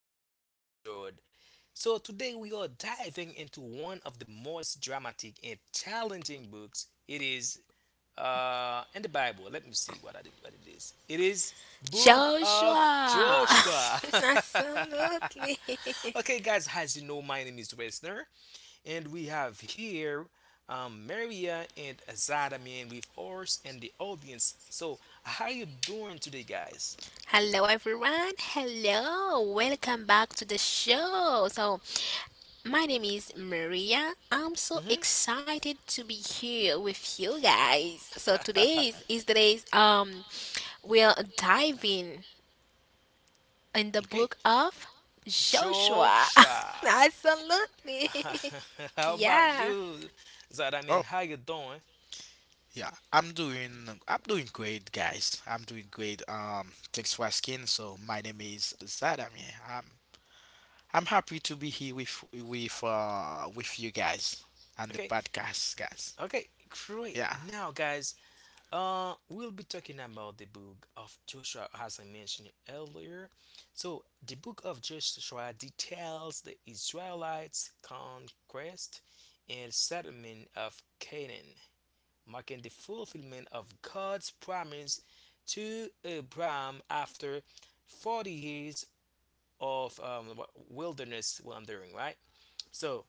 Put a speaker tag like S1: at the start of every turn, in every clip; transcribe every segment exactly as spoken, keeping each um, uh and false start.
S1: today's episode. So today we are diving into one of the most dramatic and challenging books. It is uh in the Bible. Let me see what I did, what it is. It is Book of
S2: Joshua!
S1: Joshua.
S2: Absolutely.
S1: Okay, guys, as you know, my name is Wesner, and we have here um, Maria and Azada man with us and the audience. So how you doing today, guys?
S2: Hello, everyone. Hello. Welcome back to the show. So, my name is Maria. I'm so
S1: hmm
S2: excited to be here with you guys. So, today's is today's, um,
S1: yeah.
S2: we're diving in in the
S1: Okay.
S2: book of Joshua.
S1: Joshua.
S2: Absolutely.
S1: How about
S2: Yeah.
S1: you, Zad? I
S3: Oh
S1: mean, how you doing?
S3: yeah, I'm doing I'm doing great, guys. I'm doing great. Um, thanks for asking. So my name is Zadam. Yeah, I'm I'm happy to be here with with uh with you guys and the
S1: Okay.
S3: podcast guys.
S1: Okay. Great.
S3: Yeah,
S1: Now, guys, Uh, we'll be talking about the book of Joshua, as I mentioned earlier. So, the book of Joshua details the Israelites' conquest and settlement of Canaan, marking the fulfillment of God's promise to Abraham after forty years of um, wilderness wandering, right? So,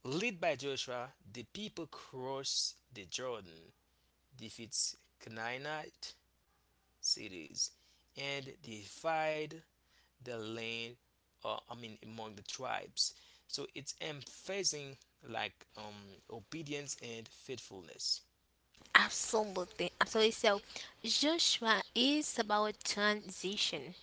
S1: led by Joshua, the people cross the Jordan, defeats Canaanite cities and divide the land uh, i mean among the tribes, so it's emphasizing like um, obedience and faithfulness.
S2: Absolutely. Absolutely. So Joshua is about transition,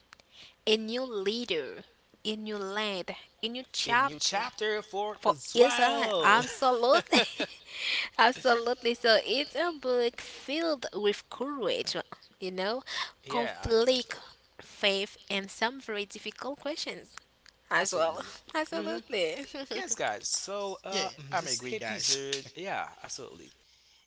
S2: a new leader, a new land, a new
S1: A new
S2: chapter
S1: chapter for
S2: for Israel.
S1: Israel.
S2: Absolutely. Absolutely. So it's a book filled with courage, you know,
S1: Yeah, I hope as
S2: conflict,
S1: well.
S2: faith, and some very difficult questions as well.
S1: Absolutely. hmm
S2: Absolutely.
S1: yes, guys, so
S3: yeah,
S1: uh mm,
S3: I'm a
S1: this
S3: great guys.
S1: episode, yeah, absolutely,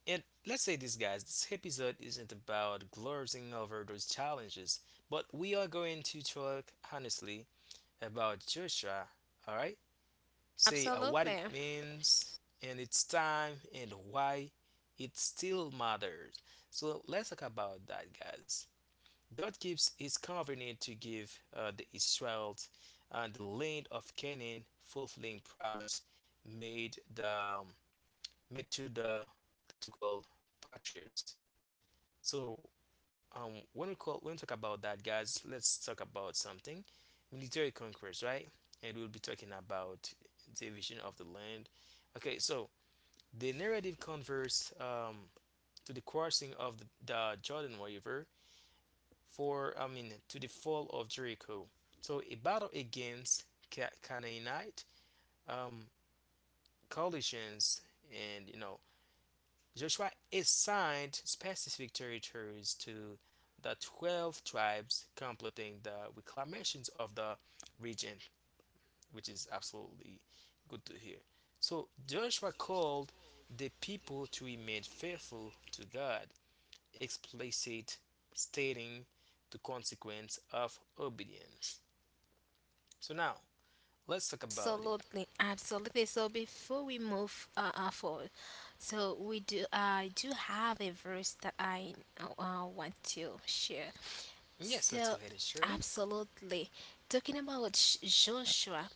S1: and let's say this, guys, this episode isn't about glossing over those challenges, but we are going to talk honestly about Joshua, all right? Say uh, what it
S2: Absolutely.
S1: means and its time and why it still matters. So let's talk about that, guys. God keeps his covenant to give uh, the Israelites uh, the land of Canaan, fulfilling promise made the um, made to the that we call patriots. So, um, when we call when we talk about that, guys, let's talk about something military conquest, right? And we'll be talking about division of the land. Okay, so the narrative converts um, to the crossing of the, the Jordan River for I mean to the fall of Jericho. So a battle against Ca- Canaanite um, coalitions and you know Joshua assigned specific territories to the twelve tribes, completing the reclamations of the region, which is absolutely good to hear. So Joshua called the people to remain faithful to God, explicit stating the consequence of obedience. So now let's talk about it.
S2: Absolutely, absolutely. So before we move uh, uh, forward, so we do I do have a verse that I uh, uh, want to share.
S1: Yes, let's
S2: So
S1: go ahead and share it.
S2: absolutely, talking about Sh- Joshua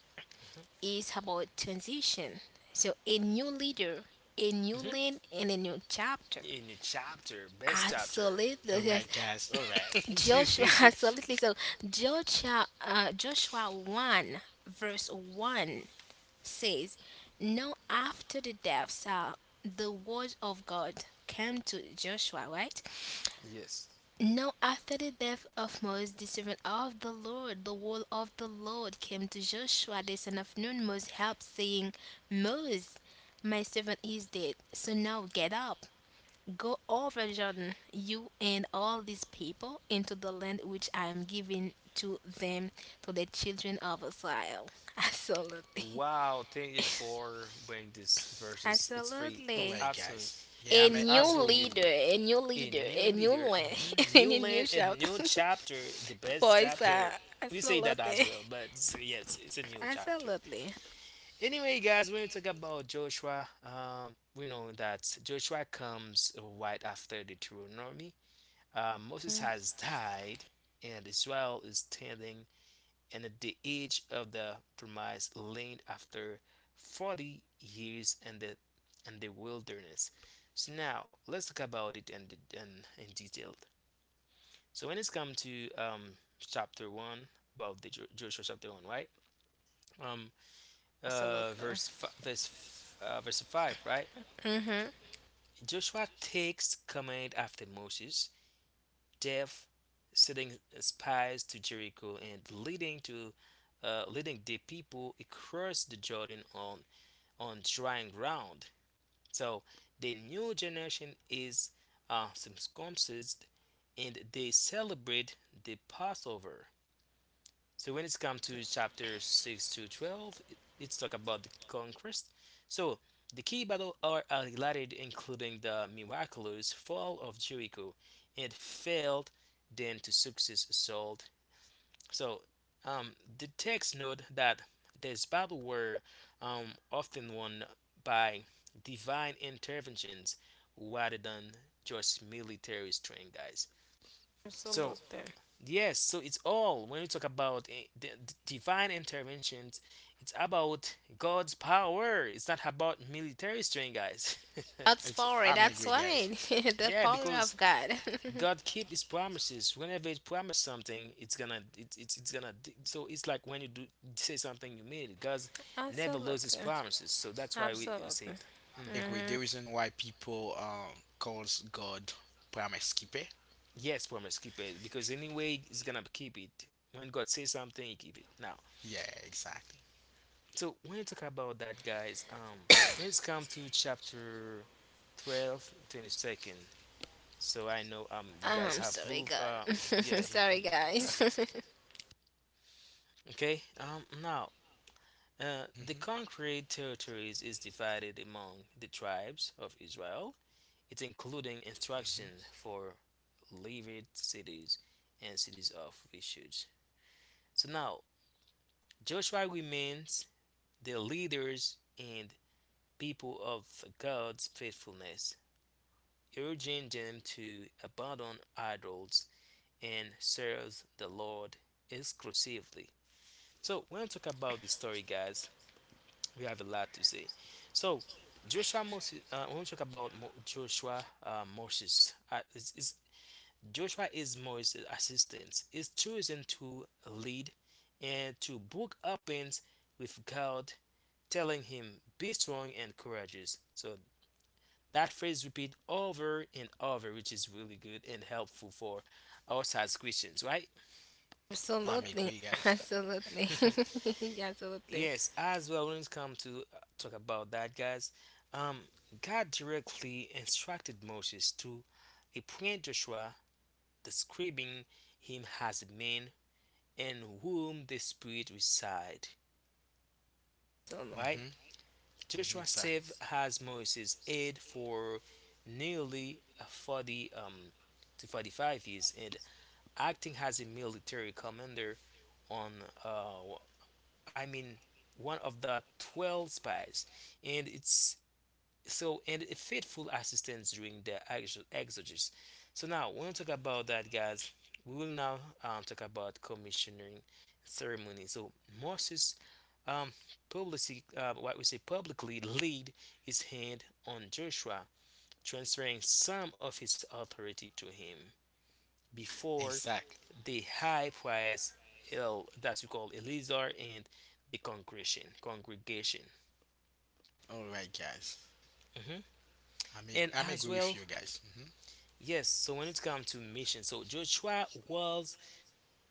S2: is about transition. So a new leader, a new
S1: hmm
S2: land, and a new chapter.
S1: In your chapter, best chapter.
S2: Absolutely,
S3: All
S2: yes.
S3: right, guys. All right,
S2: Joshua, absolutely. So Joshua, uh, Joshua one verse one says, now after the deaths, uh, the word of God came to Joshua, right?
S1: Yes.
S2: Now after the death of Moses, the servant of the Lord, the word of the Lord came to Joshua, the son of Nun, Moses helped, saying, Moses, my servant is dead, so now get up. Go over Jordan, you and all these people, into the land which I am giving to them, to the children of Israel. Absolutely.
S1: Wow, thank you for bringing this versus. It's free.
S3: all
S1: It's
S2: Absolutely.
S3: right,
S1: absolutely,
S3: guys. Yeah,
S2: A
S3: I'm a
S1: it's
S3: I'm a
S2: new
S3: great.
S1: absolutely
S2: leader,
S1: good.
S2: a new
S1: A
S2: leader, a
S1: new
S2: new
S1: leader,
S2: one,
S1: mhm,
S2: and
S1: new
S2: a new
S1: land, a
S2: shout.
S1: new chapter, the best
S2: Voice, uh,
S1: chapter. We say that as
S2: absolutely,
S1: well, but it's— yes, it's a new chapter.
S2: absolutely,
S1: Anyway, guys, when we talk about Joshua, um, we know that Joshua comes right after the Deuteronomy. Uh, Moses has died, and Israel is standing and at the age of the promised land after forty years in the in the wilderness. So now let's talk about it in, in, in detail. So when it's come to um, chapter one about the Jo- Joshua chapter one, right? um uh
S2: absolutely.
S1: Verse fi- verse f- uh, verse five, right?
S2: Mm-hmm.
S1: Joshua takes command after Moses' death, sending spies to Jericho and leading to uh, leading the people across the Jordan on on drying ground. So the new generation is uh, circumcised and they celebrate the Passover. So when it's come to chapter six to twelve, let's talk about the conquest. So the key battles are highlighted including the miraculous fall of Jericho and failed then to success assault. So um, the text note that these battles were um, often won by divine interventions rather than just military strength, guys. So
S2: Absolutely.
S1: yes, so it's all when we talk about eh, the, the divine interventions, it's about God's power. It's not about military strength, guys.
S2: That's
S3: It's
S2: power.
S3: I'm a
S2: That's
S3: great guys.
S2: why the
S1: Yeah,
S2: power
S1: because
S2: of God.
S1: God keep his promises. Whenever he promised something, it's gonna it it's, it's gonna d- so it's like when you do say something you mean it. God never loses
S2: Absolutely,
S1: promises. So that's why we say
S2: absolutely.
S1: that.
S3: A
S1: hmm
S3: great.
S2: Mm-hmm.
S3: The reason why people um calls God promise keeper.
S1: Yes, promise keep it because anyway he's gonna keep it. When God says something, he keep it. Now,
S3: Yeah, exactly.
S1: so when you talk about that, guys, um, let's come to chapter twelve twenty-second. So I know um you guys
S2: I'm
S1: have
S2: sorry,
S1: Louvre. Uh,
S2: God.
S1: yeah.
S2: Sorry,
S1: you-
S2: guys.
S1: okay. Um. Now Uh, the
S3: Hmm.
S1: conquered territories is divided among the tribes of Israel. It's including instruction
S3: Hmm.
S1: for levied cities and cities of refuge. So now Joshua remains the leaders and people of God's faithfulness, urging them to abandon idols and serve the Lord exclusively. So when I talk about the story, guys, we have a lot to say. So Joshua Moses, uh, when we talk about Mo- Joshua uh, Moses, uh, is, is Joshua is Moses' assistant. Is chosen to lead and to book opens with God, telling him, "Be strong and courageous." So that phrase repeat over and over, which is really good and helpful for us as Christians, right?
S3: I'm a
S2: Absolutely,
S3: great guys.
S2: absolutely, yeah, absolutely,
S1: Yes, as well, when it comes to uh, talk about that, guys, um, God directly instructed Moses to appoint Joshua, describing him as a man in whom the Spirit reside.
S2: absolutely.
S1: Right?
S3: Mm-hmm. Mm-hmm.
S1: Joshua served
S3: Exactly.
S1: as Moses' aide for nearly forty um, to forty-five years and acting as a military commander on, uh, I mean, one of the twelve spies. And it's so and a faithful assistance during the exo- exegesis. So now when we talk about that, guys, we will now um, talk about commissioning ceremony. So Moses, um, publicly, uh, what we say publicly, laid his hand on Joshua, transferring some of his authority to him before
S3: Exactly.
S1: the high priest, El, that's we call Eleazar, and the congregation. Congregation,
S3: All right, guys.
S1: hmm
S3: I'm ag-
S1: and
S3: I'm
S1: as
S3: agree with
S1: well.
S3: you guys. Mm-hmm.
S1: Yes, so when it comes to mission, so Joshua was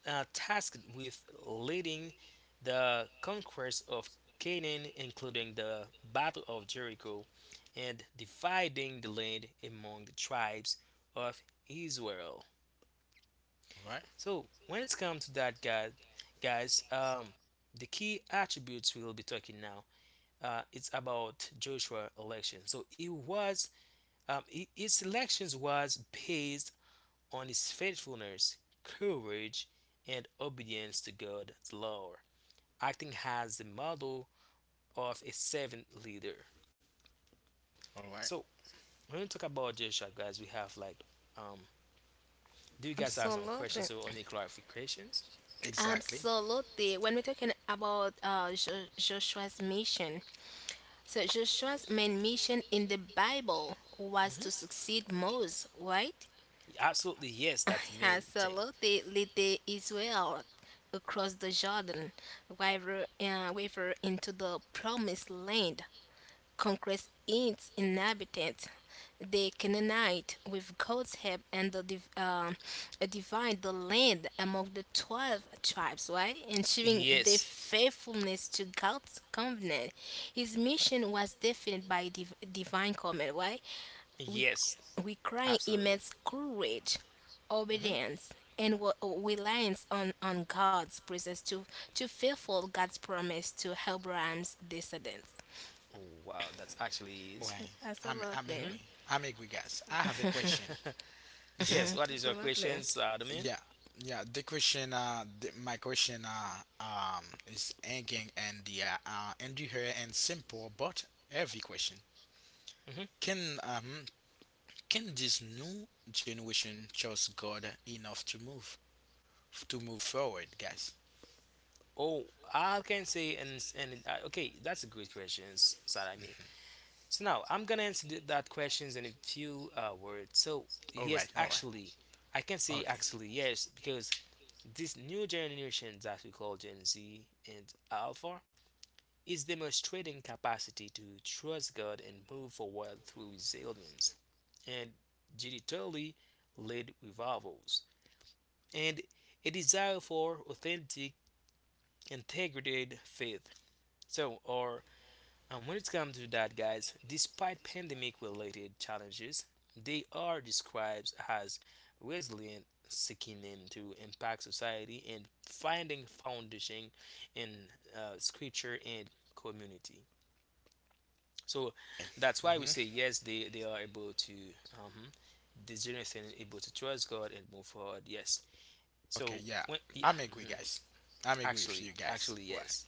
S1: uh, tasked with leading the conquest of Canaan, including the Battle of Jericho, and dividing the land among the tribes of Israel.
S3: All right.
S1: So when it comes to that, guys, guys, um, the key attributes we will be talking now, uh, it's about Joshua election. So it was, um, i- his elections was based on his faithfulness, courage, and obedience to God's law, acting as the model of a servant leader.
S3: All right.
S1: So when we talk about Joshua, guys, we have like, um, do you guys have
S3: Mm-hmm.
S1: some
S2: Absolutely.
S1: questions or any clarifications?
S3: Exactly.
S2: Absolutely. When we're talking about uh, Jo- Joshua's mission, so Joshua's main mission in the Bible was to
S1: hmm
S2: succeed Moses, right?
S1: Absolutely, yes, that's the main thing.
S2: Absolutely, lead the Israel across the Jordan River, uh, river into the promised land conquers its inhabitants. The Canaanite, with God's help, and the div- um, divide the land among the twelve tribes, right? Ensuring their
S1: Yes,
S2: faithfulness to God's covenant. His mission was defined by div- divine command, right? We
S1: yes,
S2: requiring
S1: absolutely.
S2: immense courage,
S1: hmm
S2: obedience, and wa- reliance on, on God's presence to, to fulfill God's promise to Abraham's descendants.
S1: Wow, that's actually is.
S3: Why? I'm I'm
S2: Absolutely.
S1: hmm
S3: agree. I'm agree, guys. I have a question.
S1: yes, what is your
S2: Absolutely.
S1: questions, Adamin?
S3: Yeah. Yeah. The question. Uh. The, my question. Uh. Um. Is again and the uh, uh and you hear and simple but every question.
S1: Mhm.
S3: Can um can this new generation trust God enough to move to move forward, guys?
S1: Oh, I can say and and uh, okay, that's a great question, Sarah. I mean, so now I'm gonna answer th- that questions in a few uh, words. So
S3: All right,
S1: yes,
S3: all right.
S1: actually, I can say
S3: Okay.
S1: actually yes because this new generation that we call Gen Z and Alpha is demonstrating capacity to trust God and move forward through resilience and digitally led revivals and a desire for authentic, integrated faith. So, or Um, when it comes to that, guys, despite pandemic-related challenges, they are described as resilient, seeking in to impact society and finding foundation in uh, scripture and community. So that's why we say
S3: Hmm.
S1: yes, they, they are able to um, this generation able to trust God and move forward. Yes.
S3: Okay,
S1: So
S3: yeah.
S1: when yeah,
S3: I'm agree,
S1: mhm.
S3: guys. I'm agree with
S1: Actually
S3: you guys.
S1: actually
S3: Why?
S1: yes.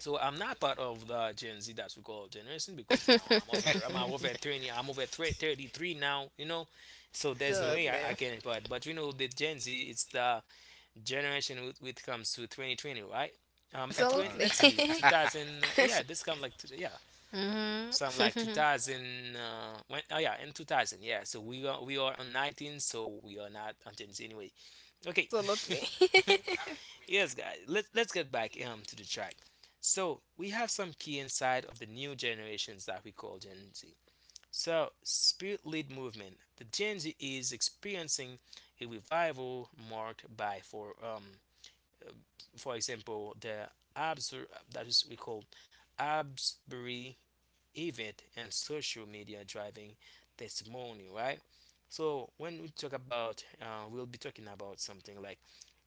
S1: So I'm not part of the Gen Z that we call generation because now I'm over I'm over thirty, I'm over thre- thirty-three now, you know, so there's no way I, I
S2: Absolutely.
S1: can part, but you know the Gen Z it's the generation with which comes to twenty twenty, right? Um uh, three,
S3: All
S2: Absolutely.
S1: let's see,
S3: right.
S1: two thousand, uh, yeah, this come like t- yeah,
S2: Mhm.
S1: some like
S2: Absolutely.
S1: two thousand uh when, oh yeah, in two thousand, yeah, so we are we are on nineteen, so we are not on Gen Z anyway. Okay. Yes, guys, let's let's get back um to the track. So we have some key insight of the new generations that we call Gen Z. So spirit led movement. The Gen Z is experiencing a revival marked by for um for example the Absur that is we call Absbury event and social media driving testimony, right? So when we talk about uh, we'll be talking about something like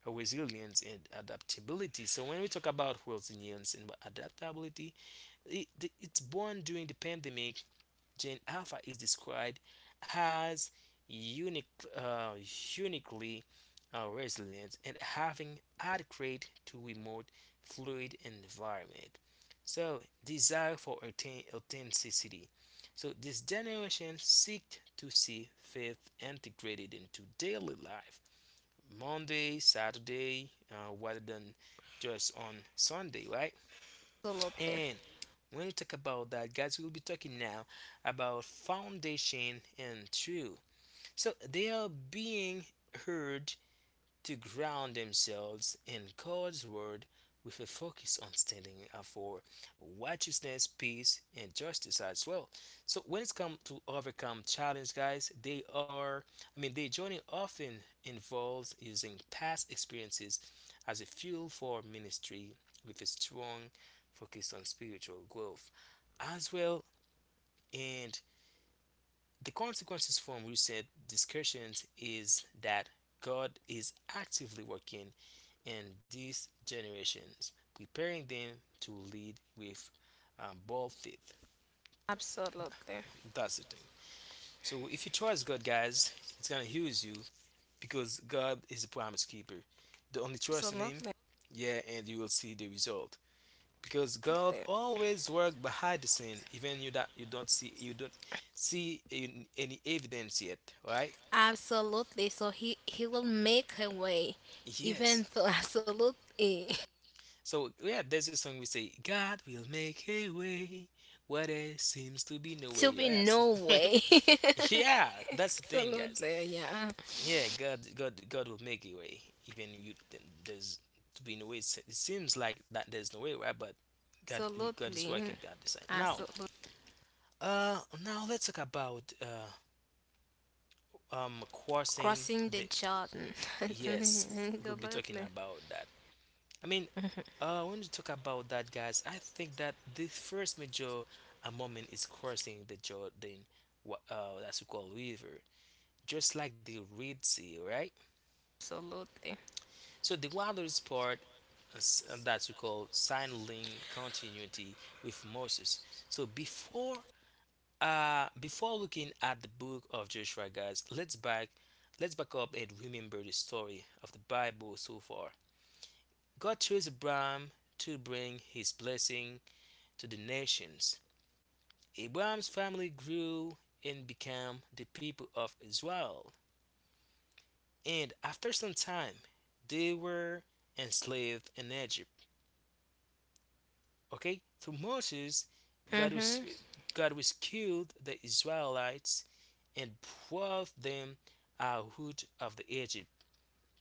S1: resilience and adaptability. So when we talk about resilience and adaptability, it, it's born during the pandemic. Gen Alpha is described as unique, uh, uniquely uh, resilient and having adequate to remote fluid environment. So, desire for authen- authenticity. So, this generation seek to see faith integrated into daily life, Monday, Saturday, uh, rather than just on Sunday, right?
S2: Absolutely.
S1: And when we talk about that, guys, we'll be talking now about foundation and truth. So they are being heard to ground themselves in God's word with a focus on standing up for righteousness, peace, and justice as well. So when it's come to overcome challenge, guys, they are I mean their journey often involves using past experiences as a fuel for ministry with a strong focus on spiritual growth as well, and the consequences from recent discussions is that God is actively working in these generations, preparing them to lead with um, bold faith.
S2: Absolutely.
S1: That's the thing. So if you trust God, guys, it's gonna use you because God is a promise keeper. The only trust in Him,
S2: Absolutely.
S1: yeah, and you will see the result. Because God always works behind the scene, even you that you don't see you don't see in- any evidence yet, right?
S2: Absolutely. So he he will make a way, even
S1: Yes.
S2: though absolutely
S1: So yeah, there's a song we say, God will make a way where there seems to be no
S2: to
S1: way. Oh,
S2: be
S1: yes.
S2: no way.
S1: Yeah, that's the thing, guys.
S2: Absolutely. Yeah.
S1: Yeah, God, God, God will make a way. Even you, there's to be no way. It seems like that there's no way, right? But God, God is working
S2: Absolutely.
S1: behind the sign. Now,
S2: Absolutely.
S1: uh, now let's talk about uh, um, crossing
S2: Crossing the
S1: the.
S2: Jordan.
S1: Yes, we'll be talking
S2: Absolutely.
S1: about that. I mean, uh, when you talk about that, guys, I think that the first major uh, moment is crossing the Jordan, wha- uh, that's we call river, just like the Red Sea, right?
S2: Absolutely.
S1: So the wildest part uh, s- uh, that we call signaling continuity with Moses. So before, uh, before looking at the book of Joshua, guys, let's back, let's back up and remember the story of the Bible so far. God chose Abraham to bring his blessing to the nations. Abraham's family grew and became the people of Israel. And after some time, they were enslaved in Egypt. Okay, through Moses, God
S2: Mm-hmm.
S1: was God rescued the Israelites and brought them out of the Egypt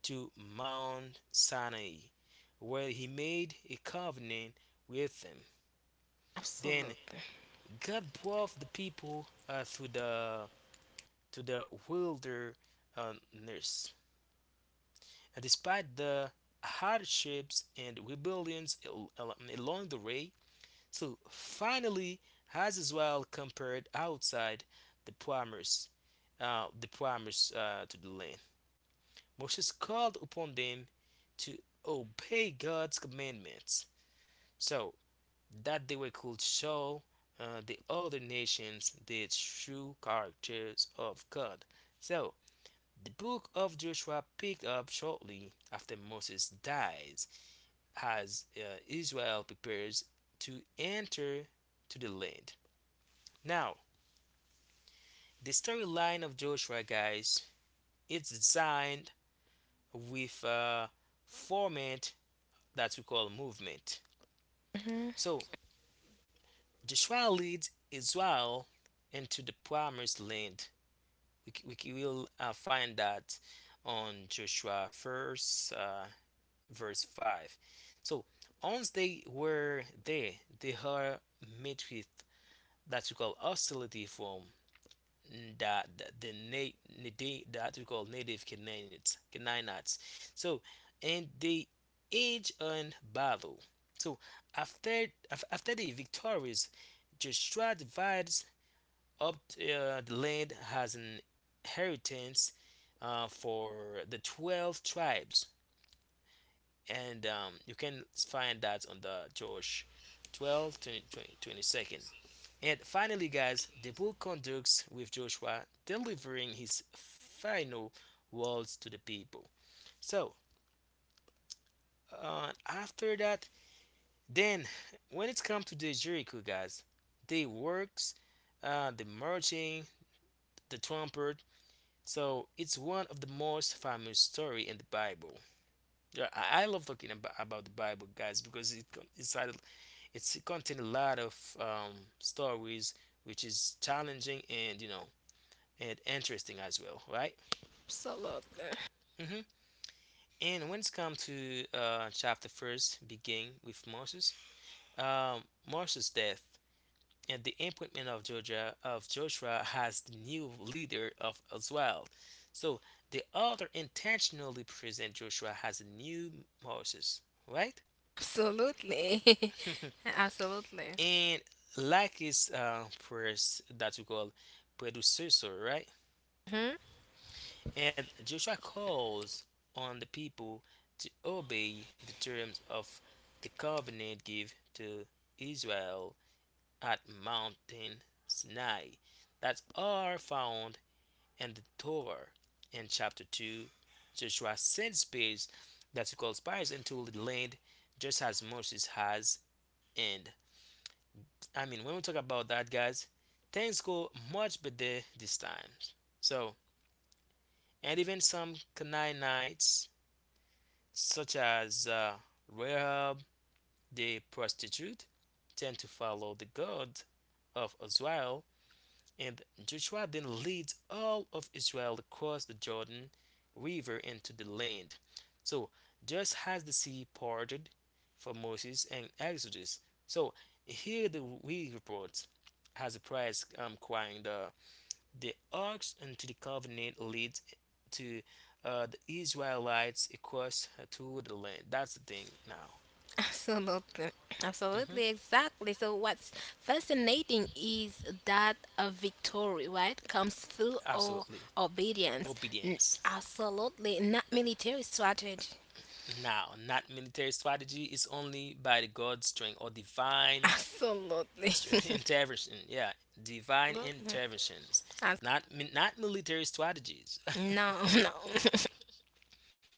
S1: to Mount Sinai, where he made a covenant with them. Then
S2: Absolutely.
S1: God brought the people uh, through the to the wilderness. And despite the hardships and rebellions al- al- along the way, so finally has as well compared outside the promise, uh, the promise uh, to the land. Moses called upon them to obey God's commandments, so that they were could show uh, the other nations the true characters of God. So the book of Joshua picked up shortly after Moses dies as uh, Israel prepares to enter to the land. Now, the storyline of Joshua, guys, it's designed with a format that we call movement.
S2: Mm-hmm.
S1: So, Joshua leads Israel into the promised land. We, c- we c- will uh, find that on Joshua first, uh, verse five. So, once they were there, they are met with that we call hostility from that the na- nati- that we call native Canaanites, Canaanites. So, and they age on battle. So after after the victories, Joshua divides up uh, the land as an inheritance uh, for the twelve tribes, and um, you can find that on the Joshua twelve twenty-second. And finally, guys, the book conducts with Joshua delivering his final words to the people. So, uh, after that, then when it comes to the Jericho, guys, the works, uh, the marching, the trumpet. So it's one of the most famous story in the Bible. Yeah, I love talking about, about the Bible, guys, because it, it's, it's contain a lot of um, stories which is challenging and you know and interesting as well, right?
S2: Absolutely.
S1: Hmm. And when it's come to uh, chapter first begin with Moses, um, Moses death and the appointment of Georgia of Joshua as the new leader of Israel. So the author intentionally present Joshua as a new Moses, right?
S2: Absolutely. Absolutely.
S1: And like his uh, press that we call predecessor, right?
S2: Hmm.
S1: And Joshua calls on the people to obey the terms of the covenant given to Israel at Mount Sinai that are found in the Torah. In chapter two, Joshua sends spies that he calls spies into the land just as Moses has. And I mean, when we talk about that, guys, things go much better this time. So, and even some Canaanites such as uh, Rahab the prostitute, tend to follow the God of Israel, and Joshua then leads all of Israel across the Jordan River into the land. So, just as the sea parted for Moses and Exodus, so here the we report has a price um, crying the the arcs into the covenant leads to uh, the Israelites across to the land. That's the thing now.
S2: Absolutely. Absolutely.
S1: Hmm.
S2: Exactly. So, what's fascinating is that a victory, right, comes through our
S1: Absolutely.
S2: obedience. N-
S1: Obedience.
S2: Absolutely. Not military strategy.
S1: Now, not military strategy, it's only by the God's strength or divine
S2: Absolutely.
S1: intervention. Yeah, divine
S2: Absolutely.
S1: interventions,
S2: As-
S1: not not military strategies.
S2: no, no.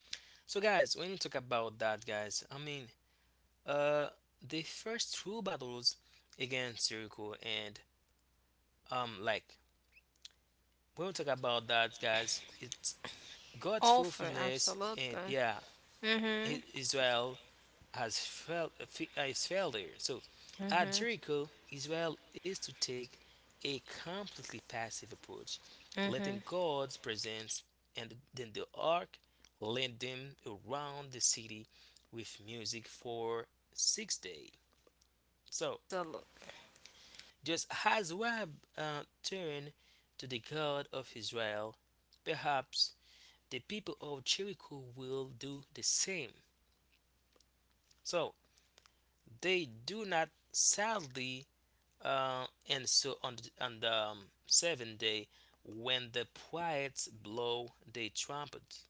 S1: So, guys, when you talk about that, guys, I mean, uh, the first true battles against Jericho and um, like when we talk about that, guys, it's God's
S2: Offer,
S1: fulfillment, and
S2: absolutely.
S1: yeah,
S2: Mm-hmm.
S1: I- Israel has failed, has failed there. So at Jericho, Israel is to take a completely passive approach, letting God's presence and then the ark lead them around the city with music for six days. So
S2: Absolutely.
S1: just as Rahab uh, turned to the God of Israel, perhaps the people of Jericho will do the same. So they do not sadly, uh, and so on, on the um, seventh day, when the prophets blow the trumpet,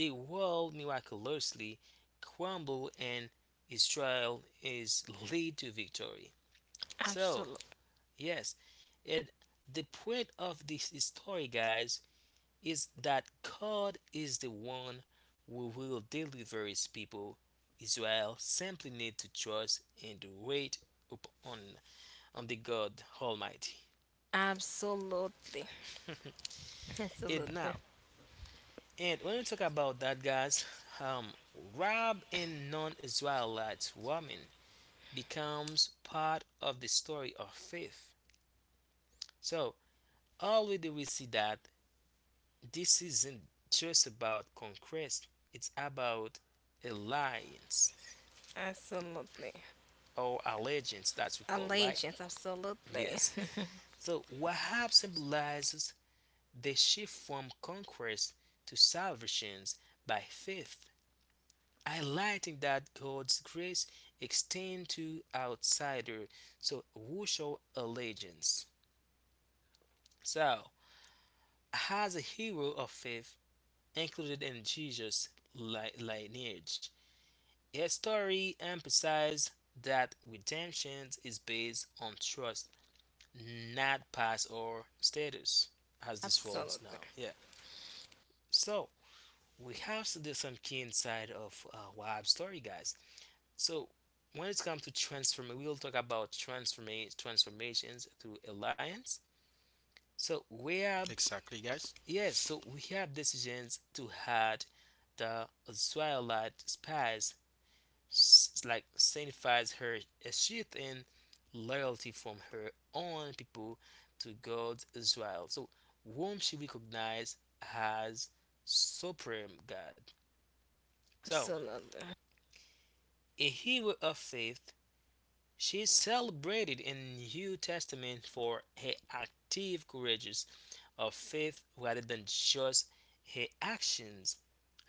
S1: the world miraculously crumble and Israel is lead to victory. So
S2: Absolutely.
S1: yes, at the point of this story, guys, is that God is the one who will deliver his people. Israel simply need to trust and wait upon on the God Almighty.
S2: Absolutely.
S1: And
S2: Absolutely.
S1: now, and when we talk about that, guys, um, Rab and non-Israelite woman becomes part of the story of faith. So already we see that this isn't just about conquest; it's about alliance.
S2: Absolutely.
S1: Or allegiance that we call, right?
S2: Allegiance, absolutely.
S1: Yes, so Wahab symbolizes the shift from conquest to salvations by faith, highlighting that God's grace extends to outsiders. So who show allegiance. So as a hero of faith included in Jesus li- lineage, his story emphasizes that redemption is based on trust, not past or status as this world's
S2: Absolutely.
S1: now. Yeah. So we have to do some key inside of uh, Wahab story, guys. So when it comes to transform, we will talk about transformation transformations through alliance. So we have
S3: Exactly, guys.
S1: yes, so we have decisions to had the Israelite spies s- like signifies her a shift in loyalty from her own people to God Israel, so whom she recognized as supreme God. So,
S2: Absolutely.
S1: a hero of faith, she is celebrated in New Testament for her active courageous of faith rather than just her actions,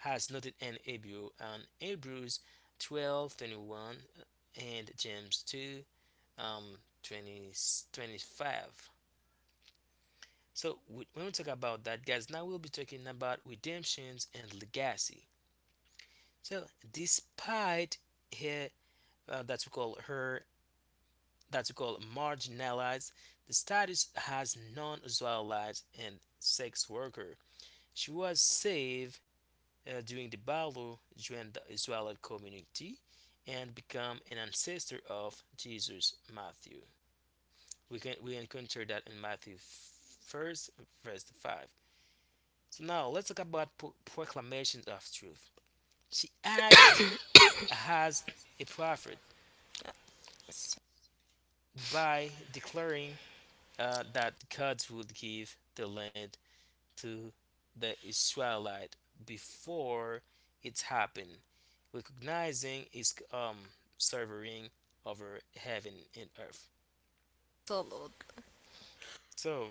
S1: as noted in Hebrew, um, Hebrews twelve twenty one and James two um twenty, twenty-five. So we, when we talk about that, guys, now we'll be talking about redemptions and legacy. So despite her uh, that we call her that we call marginalized the status has non-Israelites and sex worker, she was saved uh, during the battle, joined the Israelite community, and become an ancestor of Jesus Matthew. We can we encounter that in Matthew first verse five. So now let's talk about pro- proclamations of truth. She acted as a prophet
S2: Absolutely.
S1: by declaring uh, that God would give the land to the Israelite before it happened, recognizing his um, sovereign over heaven and earth. So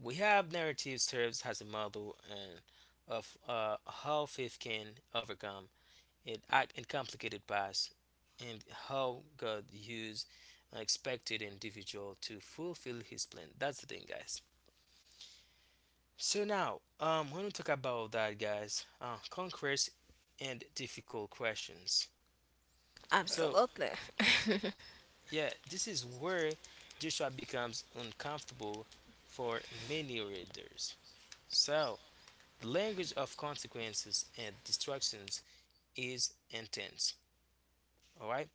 S1: we have narrative serves as a model and of uh, how faith can overcome it act in complicated past and how God used unexpected individual to fulfill his plan. That's the thing, guys. So now, um, when we talk about that, guys, uh, conquest and difficult questions. So
S2: Absolutely.
S1: yeah, this is where Joshua becomes uncomfortable for many readers. So the language of consequences and distractions is intense. All right.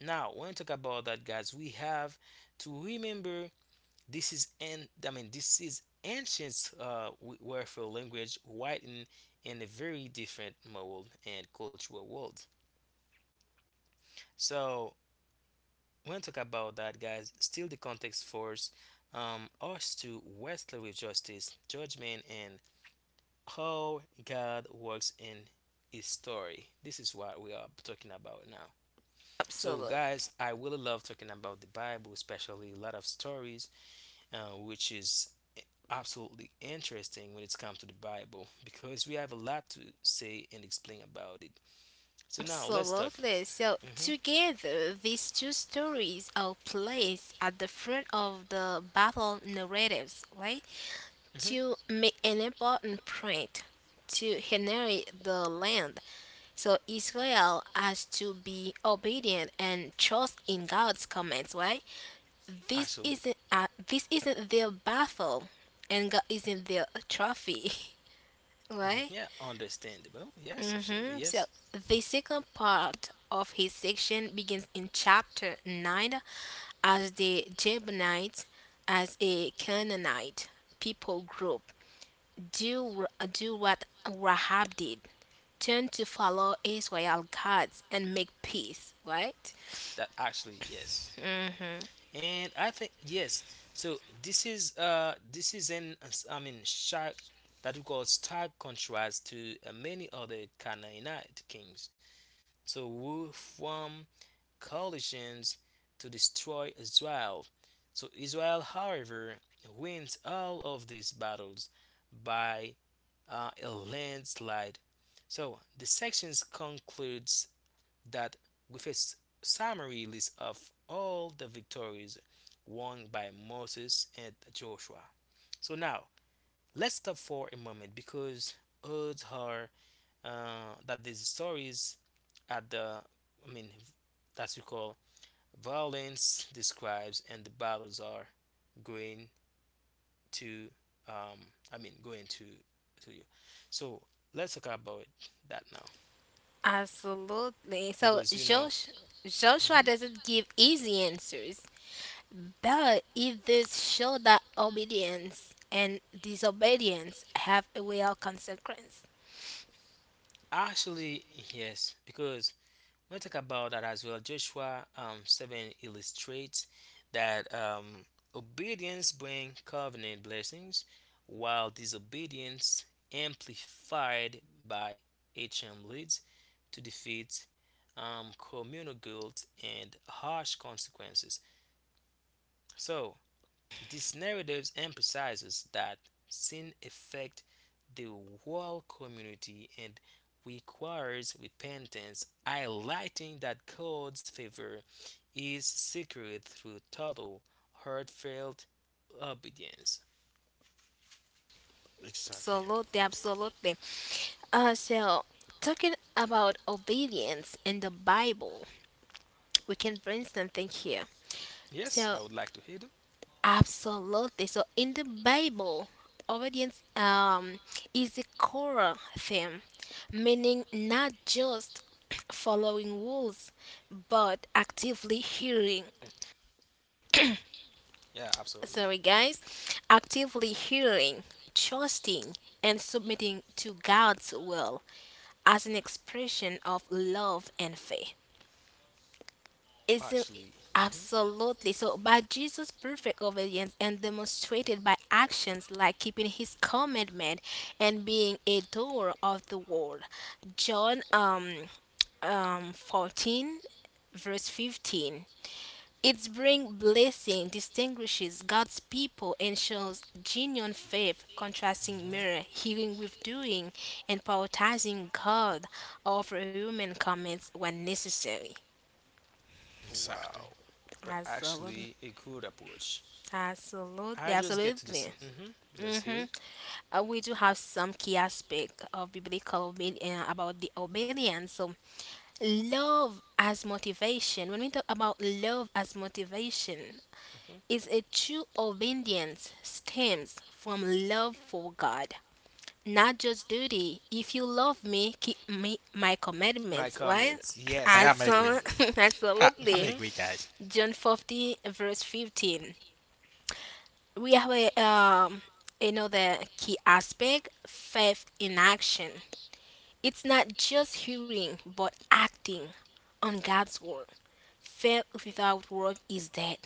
S1: Now, when we talk about that, guys, we have to remember this is, and I mean this is ancient uh, warfare language, written in a very different mold and cultural world. So, when we talk about that, guys, still the context force um, us to wrestle with justice, judgment, and how God works in his story. This is what we are talking about now. So,
S2: Absolutely.
S1: guys, I really love talking about the Bible, especially a lot of stories, uh, which is absolutely interesting when it's come to the Bible because we have a lot to say and explain about it. So now let's talk.
S2: Absolutely. So
S1: Hmm.
S2: together, these two stories are placed at the front of the battle narratives, right?
S1: Hmm.
S2: To make an important point to inherit the land. So Israel has to be obedient and trust in God's commands, right? This
S1: Actually,
S2: isn't uh, this isn't their battle, and God isn't their trophy,
S1: mhm,
S2: right?
S1: yeah, understandable. Yes, absolutely.
S2: hmm So
S1: Yes,
S2: the second part of his section begins in chapter nine as the Jebonites, as a Canaanite people group, do, do what Rahab did turn to follow Israel gods and make peace, right?
S1: that actually yes. And I think yes, so this is uh this is an I mean shark that we call stark contrast to uh, many other Canaanite kings, so who form coalitions to destroy Israel. So Israel however wins all of these battles by uh, a landslide. So the sections concludes that with a s- summary list of all the victories won by Moses and Joshua. So now let's stop for a moment because odds are uh, that these stories at the I mean that we call violence describes and the battles are going to um, I mean going to to you. So let's talk about that now
S2: Absolutely. So
S1: because you know.
S2: Josh, Joshua
S1: Mhm.
S2: doesn't give easy answers. But if this show that obedience and disobedience have a real consequence.
S1: Actually, yes, because when I talk about that as well, Joshua um, seven illustrates that um, obedience brings covenant blessings, while disobedience, amplified by H M, leads to defeat, um, communal guilt, and harsh consequences. So, this narrative emphasizes that sin affects the whole community and requires repentance, highlighting that God's favor is secured through total, heartfelt obedience.
S3: Exactly.
S2: Absolutely, absolutely. Uh, so, talking about obedience in the Bible, we can bring something here.
S1: Yes, I
S2: So,
S1: would like to hear them.
S2: absolutely. So, in the Bible, obedience um, is a core theme, meaning not just following rules, but actively hearing,
S1: Yeah, absolutely.
S2: sorry guys, actively hearing, trusting, and submitting to God's will as an expression of love and faith. Isn't
S1: Actually, mhm.
S2: absolutely so by Jesus' perfect obedience and demonstrated by actions like keeping his commandment and being a doer of the word. John um um fourteen verse fifteen its bring blessing distinguishes God's people and shows genuine faith, contrasting mirror, healing with doing, and prioritizing God over human comments when necessary.
S1: Wow.
S3: Exactly.
S1: But
S2: Absolutely.
S1: actually, a good approach.
S2: Absolutely,
S1: I just get to the
S2: absolutely.
S1: same. Hmm. Let's hear.
S2: Mm-hmm. Uh, we do have some key aspect of biblical obedience about the obedience. So, love as motivation. When we talk about love as motivation,
S1: Mhm.
S2: is a true obedience stems from love for God, not just duty. If you love me, keep me, my
S1: My
S2: commandments, right?
S1: comments. Yes,
S3: I am agree.
S1: absolutely.
S2: Absol-
S3: I, I'm
S2: Absolutely.
S1: Mhm.
S3: agree, guys.
S2: John fifty, verse fifteen. We have a, um, another key aspect faith in action. It's not just hearing, but acting on God's word. Faith without work is dead.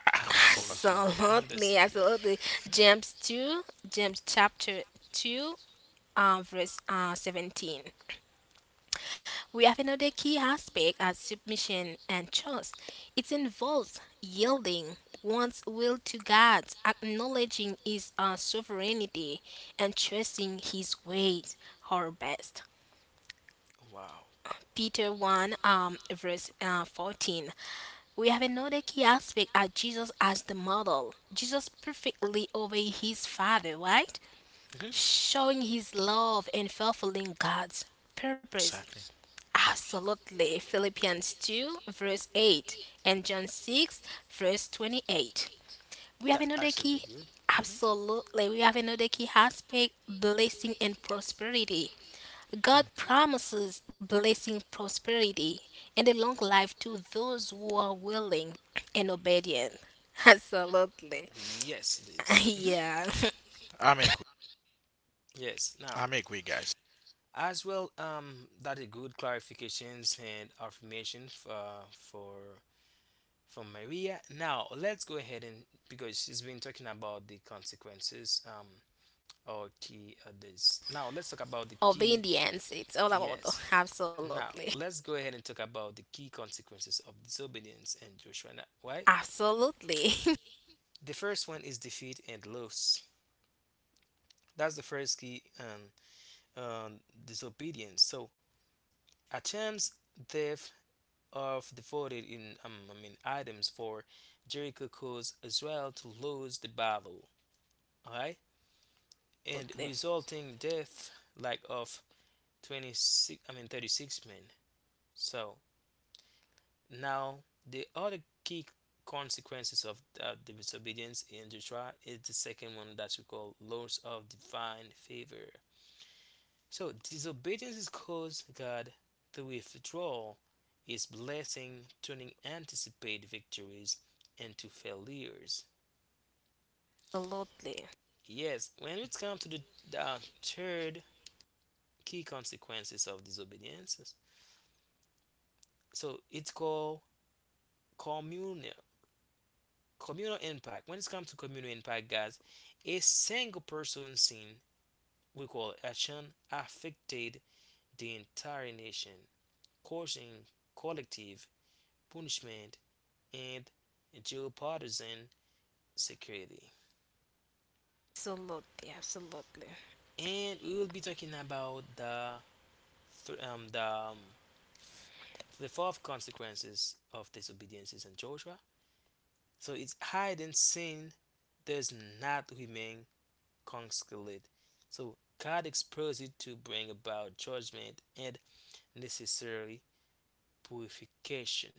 S3: Ah, wow, wow, wow.
S1: Absolutely.
S2: Absolutely,
S1: Understandable.
S2: absolutely.
S1: Mhm.
S2: James 2, James chapter two, uh, verse uh, seventeen. We have another key aspect as submission and trust. It involves yielding one's will to God, acknowledging His uh, sovereignty, and trusting His ways our best.
S1: Wow.
S2: Peter one, um, verse uh, fourteen. We have another key aspect at Jesus as the model. Jesus perfectly obeyed his Father, right?
S1: Hmm.
S2: Showing his love and fulfilling God's purpose.
S3: Exactly.
S2: Absolutely. Philippians two, verse eight, and John six, verse twenty-eight. We have
S1: That
S2: another key.
S1: actually good. Hmm.
S2: Absolutely. We have another key aspect blessing and prosperity. God promises blessing, prosperity, and a long life to those who are willing and obedient. Absolutely.
S1: Yes, it is. Mhm.
S2: Yeah,
S3: I'm agree.
S1: Yes. Now,
S3: I'm agree, guys.
S1: as well, um, that is good clarifications and affirmation for for for Maria. Now, let's go ahead and because she's been talking about the consequences. Um, or key others. Now let's talk about the key.
S2: obedience. It's all about the-
S1: Yes. Now
S2: absolutely.
S1: let's go ahead and talk about the key consequences of disobedience and Joshua. Now, why?
S2: Absolutely.
S1: The first one is defeat and loss. That's the first key um, um, disobedience. So a chance theft of devoted in um, I mean items for Jericho caused Israel to lose the battle. Alright? And
S2: Absolutely.
S1: resulting death like of twenty six I mean thirty six men. So now, the other key consequences of uh, the disobedience in Joshua is the second one that we call loss of divine favor. So, disobedience is caused God to withdraw His blessing, turning anticipated victories into failures.
S2: Absolutely.
S1: Yes, when it comes to the uh, third key consequences of disobedience, so it's called communal communal impact. When it comes to communal impact, guys, a single person seen, we call action affected the entire nation, causing collective punishment and geopartisan security.
S2: Absolutely. Absolutely.
S1: And we will be talking about the th- um, the um, the fourth consequences of disobediences in Joshua. So it's hide and sin does not remain conciliate. So God exposes it to bring about judgment and necessary purification.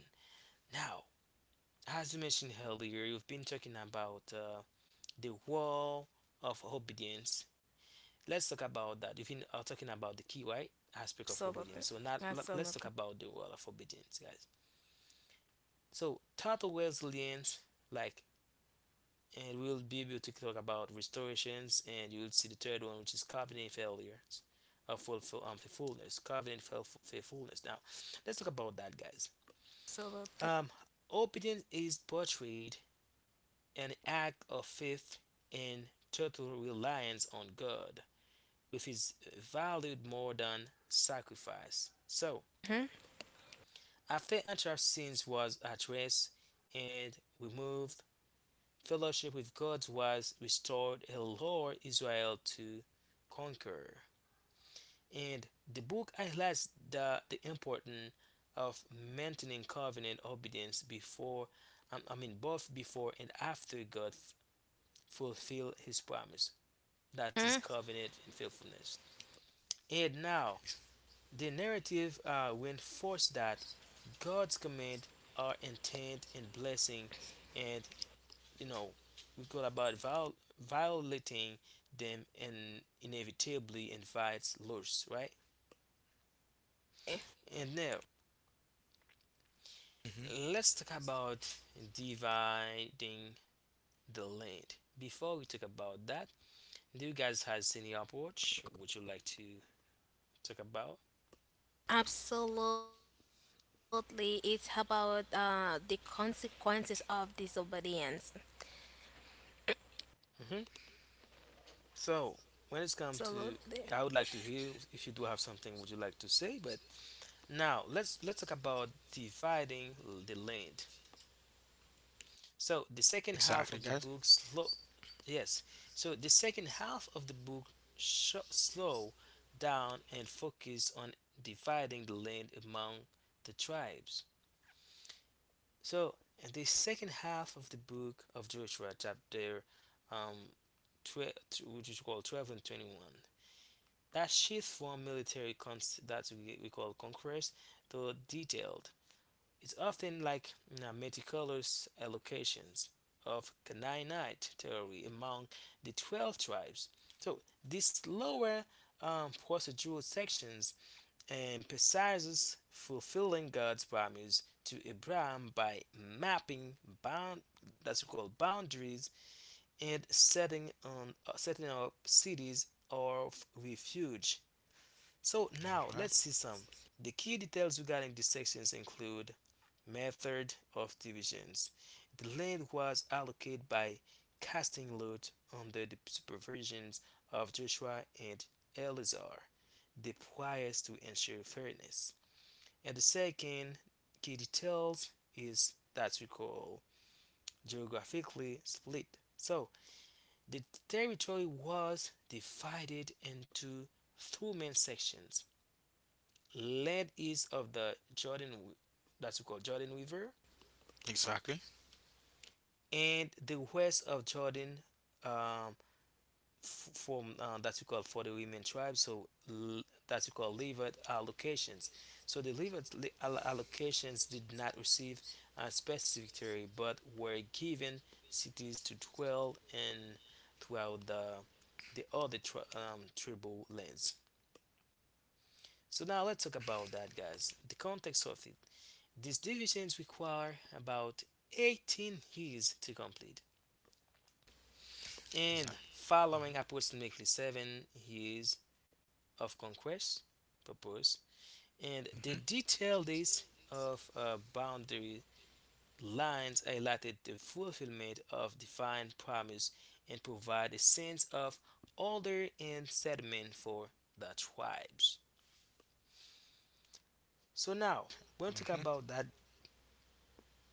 S1: Now, as we mentioned earlier, you've been talking about uh, the wall of obedience. Let's talk about that. You've been uh, talking about the key, right? Aspect of obedience.
S2: Absolutely.
S1: So now let- let's
S2: Absolutely.
S1: talk about the wall of obedience, guys. So total resilience, like, and we'll be able to talk about restorations, and you will see the third one, which is covenant failures uh, full, um, faithfulness, covenant faithfulness. Now let's talk about that, guys.
S2: Absolutely.
S1: um, Obedience is portrayed an act of faith and total reliance on God, which is valued more than sacrifice. So
S2: Mhm.
S1: after anthrax sins was addressed and removed, fellowship with God was restored and allowed Israel to conquer. And the book highlights the, the importance of maintaining covenant obedience before, um, I mean, both before and after God f- fulfilled his promise. That is
S2: Mhm.
S1: covenant and faithfulness. And now, the narrative uh, reinforces that God's command are intent and blessing, and you know we call about viol- violating them, and inevitably invites loss, right? And now
S3: Hmm.
S1: let's talk about dividing the land. Before we talk about that, do you guys has any approach, would you like to talk about?
S2: Absolutely. It's about uh, the consequences of disobedience.
S1: Hmm. So when it's
S2: Absolutely.
S1: come to, I would like to hear if you do have something, would you like to say? But now let's let's talk about dividing the land. So the second half
S3: Exactly,
S1: of the
S3: guys.
S1: book slow. Yes. So the second half of the book sho slow down and focus on dividing the land among the tribes. So in the second half of the book of Joshua chapter um twelve, which is called twelve and twenty-one, that shift from military cons that we, we call conquest to detailed, it's often like, you know, meticulous allocations of Canaanite territory among the twelve tribes. So these lower um, procedural sections emphasizes fulfilling God's promise to Abraham by mapping bound that's called boundaries, and setting on uh, setting up cities of refuge. So now
S3: All right.
S1: let's see some. The key details regarding these sections include method of divisions. The land was allocated by casting lot under the supervisions of Joshua and Eleazar, the priors, to ensure fairness. And the second key details is that we call geographically split. So the territory was divided into two main sections: land east of the Jordan, that's we call Jordan River,
S3: Exactly.
S1: and the west of Jordan, um, f- from uh, that's we call for the women tribe. So l- that's we call Levite allocations. So the Levite li- al- allocations did not receive a specific territory but were given cities to dwell in throughout the the other tri- um, tribal lands. So now let's talk about that, guys, the context of it. These divisions require about eighteen years to complete, and
S3: Exactly.
S1: following approximately seven years of conquest purpose, and
S3: Mm-hmm.
S1: the detailed list of uh, boundary lines highlighted the fulfillment of defined promise and provide a sense of order and settlement for the tribes. So now we're going to talk
S3: Mm-hmm.
S1: about that.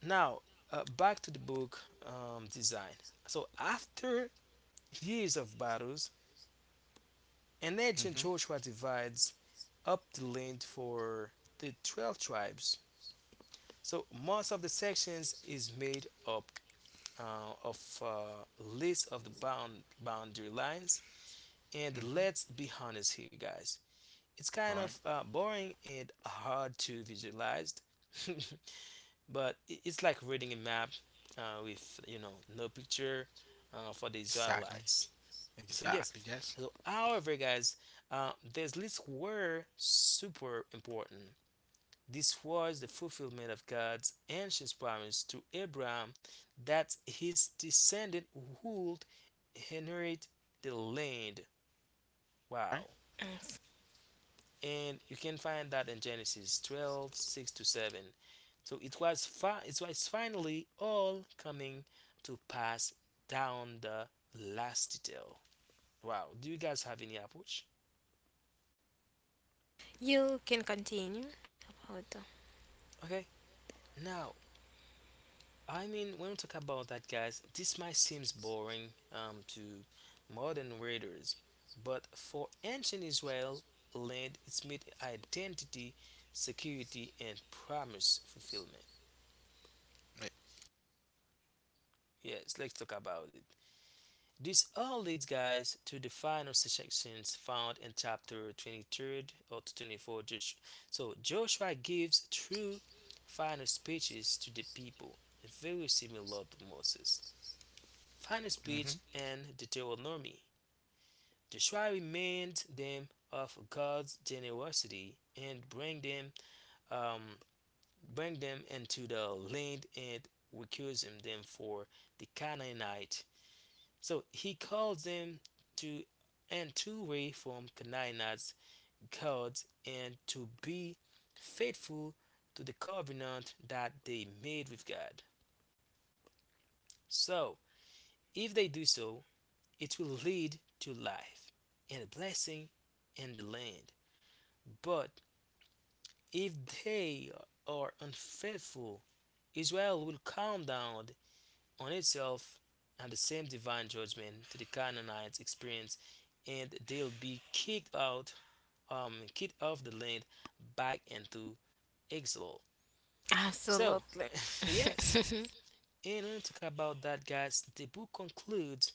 S1: Now, uh, back to the book um, design. So after years of battles, and
S3: Mm-hmm.
S1: ancient Joshua divides up the land for the twelve tribes. So most of the sections is made up uh, of uh, list of the bound boundary lines. And
S3: Mm-hmm.
S1: let's be honest here, guys. It's
S3: All
S1: kind
S3: right.
S1: of uh, boring and hard to visualize, but it's like reading a map uh, with, you know no picture, uh, for the
S3: Exactly.
S1: Israelites. So
S3: Exactly,
S1: yes,
S3: guys.
S1: so however, guys, uh, these lists were super important. This was the fulfillment of God's ancient promise to Abraham that his descendant would inherit the land.
S3: Right?
S1: Wow. And you can find that in Genesis twelve six to seven. So it was, fi- it was finally all coming to pass down the last detail. Wow. Do you guys have any approach?
S2: You can continue about the
S1: Okay. Now, I mean, when we talk about that, guys, this might seems boring um, to modern readers, but for ancient Israel, land its made identity, security, and promise fulfillment. Yes, let's talk about it. This all leads, guys, to the final sections found in chapter twenty-third or to twenty-four. Josh- So Joshua gives true final speeches to the people, very similar to Moses. Final
S3: Mm-hmm.
S1: speech and Deuteronomy. Joshua remained them of God's generosity and bring them um, bring them into the land, and recusing them for the Canaanite. So he calls them to and to way from Canaanites gods and to be faithful to the covenant that they made with God. So if they do so, it will lead to life and blessing in the land. But if they are unfaithful, Israel will come down on itself and the same divine judgment to the Canaanites experience, and they'll be kicked out, um, kicked off the land back into exile. So,
S2: absolutely,
S1: yes,
S2: absolutely,
S1: and we to talk about that, guys, the book concludes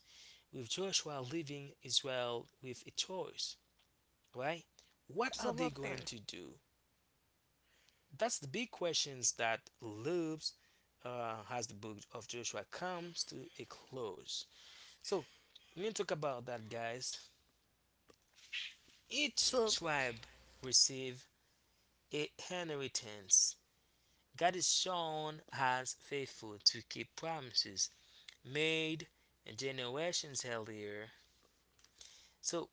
S1: with Joshua leaving Israel with a choice, right? What are they going to do? That's the big questions that loops uh, as the book of Joshua comes to a close. So let me talk about that, guys. Each
S2: so-
S1: tribe received a inheritance. God is shown as faithful to keep promises made generations earlier. So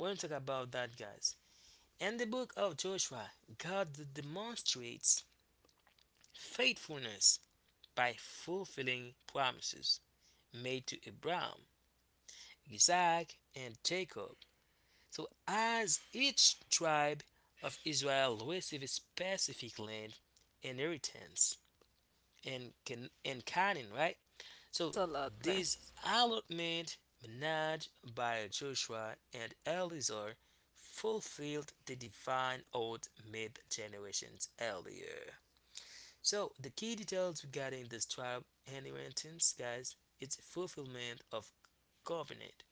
S1: we're going to talk about that, guys. In the book of Joshua, God demonstrates faithfulness by fulfilling promises made to Abraham, Isaac, and Jacob. So, as each tribe of Israel received a specific land inheritance in, Can- in Canaan, right? So,
S2: absolutely,
S1: this allotment managed by Joshua and Eleazar fulfilled the divine oath made generations earlier. So the key details regarding this trial inheritance, guys, it's fulfillment of covenant.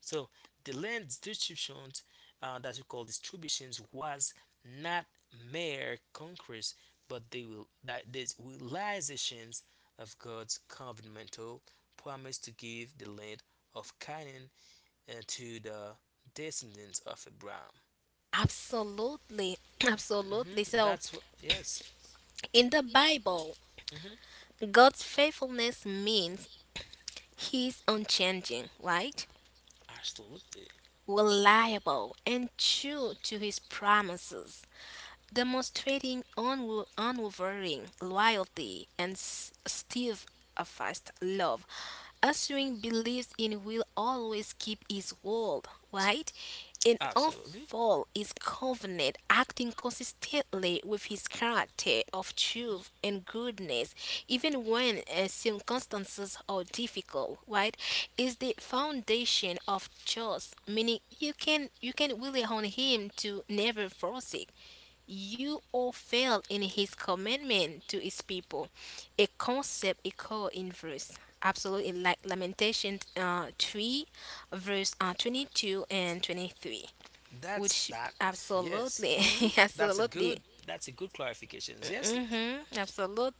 S1: So the land distributions uh, that we call distributions was not mere conquest, but they will that these realizations of God's covenantal promise to give the land of Canaan uh, to the descendants of Abraham.
S2: absolutely,
S1: Hmm.
S2: absolutely. So,
S1: That's what. Yes,
S2: in the Bible, God's faithfulness means He's unchanging, right?
S1: absolutely.
S2: Reliable and true to His promises, demonstrating unw- unwavering loyalty and s- steadfast love. Assuring believes in will always keep his word, right? And
S1: Absolutely.
S2: unfold his covenant, acting consistently with his character of truth and goodness, even when uh, circumstances are difficult, right? Is the foundation of trust, meaning you can you can rely on him to never forsake you all fail in his commitment to his people. A concept equal in verse. Absolutely, like Lamentation uh, three, verse uh, 22 and 23,
S1: That's
S2: which
S1: that. Yes.
S2: absolutely,
S1: Hmm. That's a
S2: absolutely.
S1: good. That's a good clarification. Yes.
S2: Mm-hmm,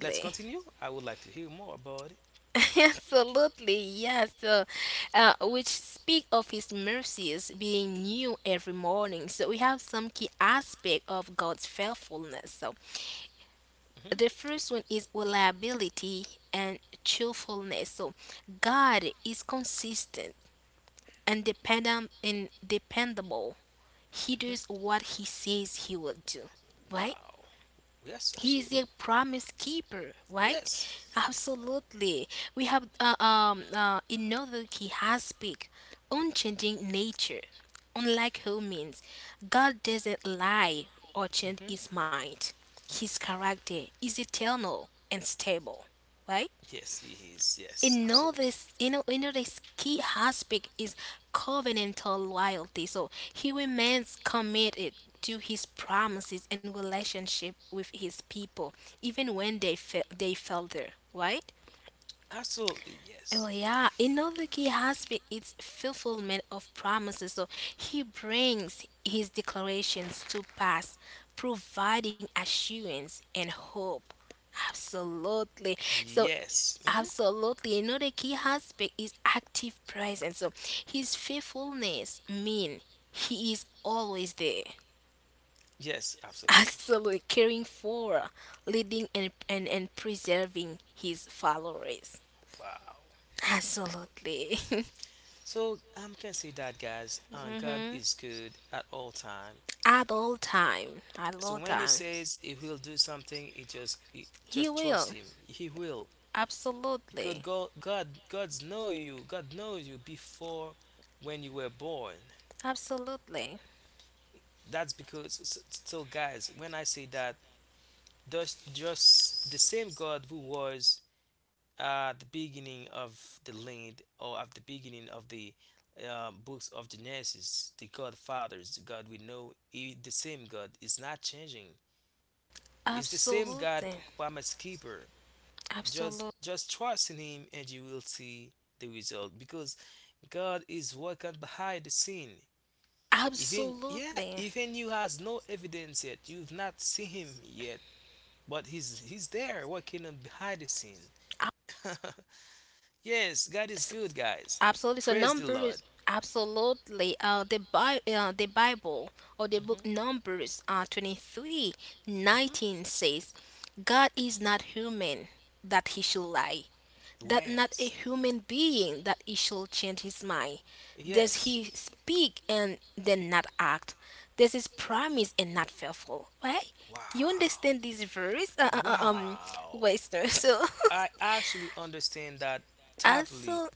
S1: Let's continue. I would like to hear more about it.
S2: Absolutely, yeah. So, uh, which speak of his mercies being new every morning. So we have some key aspect of God's faithfulness. So
S1: Hmm.
S2: the first one is reliability and truthfulness. So God is consistent and dependent and dependable. He
S1: Hmm.
S2: does what he says he will do. Right?
S1: Wow. Yes.
S2: He is a
S1: Absolutely.
S2: promise keeper, right?
S1: Yes.
S2: Absolutely. We have uh, um uh, another key aspect, unchanging nature. Unlike humans, God doesn't lie or change
S1: Hmm.
S2: His mind. His character is eternal and stable, right?
S1: Yes. He is. Yes.
S2: Another,
S1: Absolutely.
S2: s- you know, another s- key aspect is covenantal loyalty. So he remains committed to his promises and relationship with his people, even when they fa- they falter. Right?
S1: Absolutely, yes.
S2: Oh yeah. Another key aspect is fulfillment of promises. So he brings his declarations to pass, providing assurance and hope. Absolutely. So
S1: Yes. Hmm.
S2: absolutely. Another key aspect is active presence. So his faithfulness mean he is always there.
S1: Yes, absolutely.
S2: Absolutely caring for, leading and and, and preserving his followers.
S1: Wow.
S2: Absolutely.
S1: So I'm can say that, guys. Uh, God
S2: hmm
S1: is good at all time.
S2: At all time. At
S1: So
S2: all
S1: when He
S2: time.
S1: says He will do something, it just it,
S2: He
S1: just
S2: will.
S1: trust Him. He will, because
S2: Absolutely.
S1: God, God, God's know you. God knows you before when you were born.
S2: Absolutely.
S1: That's because. So, so, guys, when I say that, just just the same God who was at the beginning of the land or at the beginning of the uh, books of Genesis, the God fathers, the God we know, he, the same God is not changing. It's the same God,
S2: Absolutely.
S1: p- promise keeper.
S2: Absolutely.
S1: Just just trust in Him, and you will see the result, because God is working behind the scene. Even yeah, even you has no evidence yet. You've not seen Him yet, but He's He's there working on behind the scene.
S2: Absolutely.
S1: Yes, God is good, guys.
S2: Absolutely. So
S1: Praise the Lord.
S2: numbers, absolutely. Uh, the Bi- uh, the Bible or the
S1: Hmm.
S2: book Numbers uh, twenty three nineteen
S1: Hmm.
S2: says, God is not human that he should lie, that not a
S1: Yes.
S2: human being that he should change his mind. Does
S1: Yes.
S2: he speak and then not act? Does his promise and not faithful? Right?
S1: Wow.
S2: You understand this verse, uh, uh, uh, um,
S1: Wow.
S2: Western? So,
S1: I actually understand that totally.
S2: absolutely,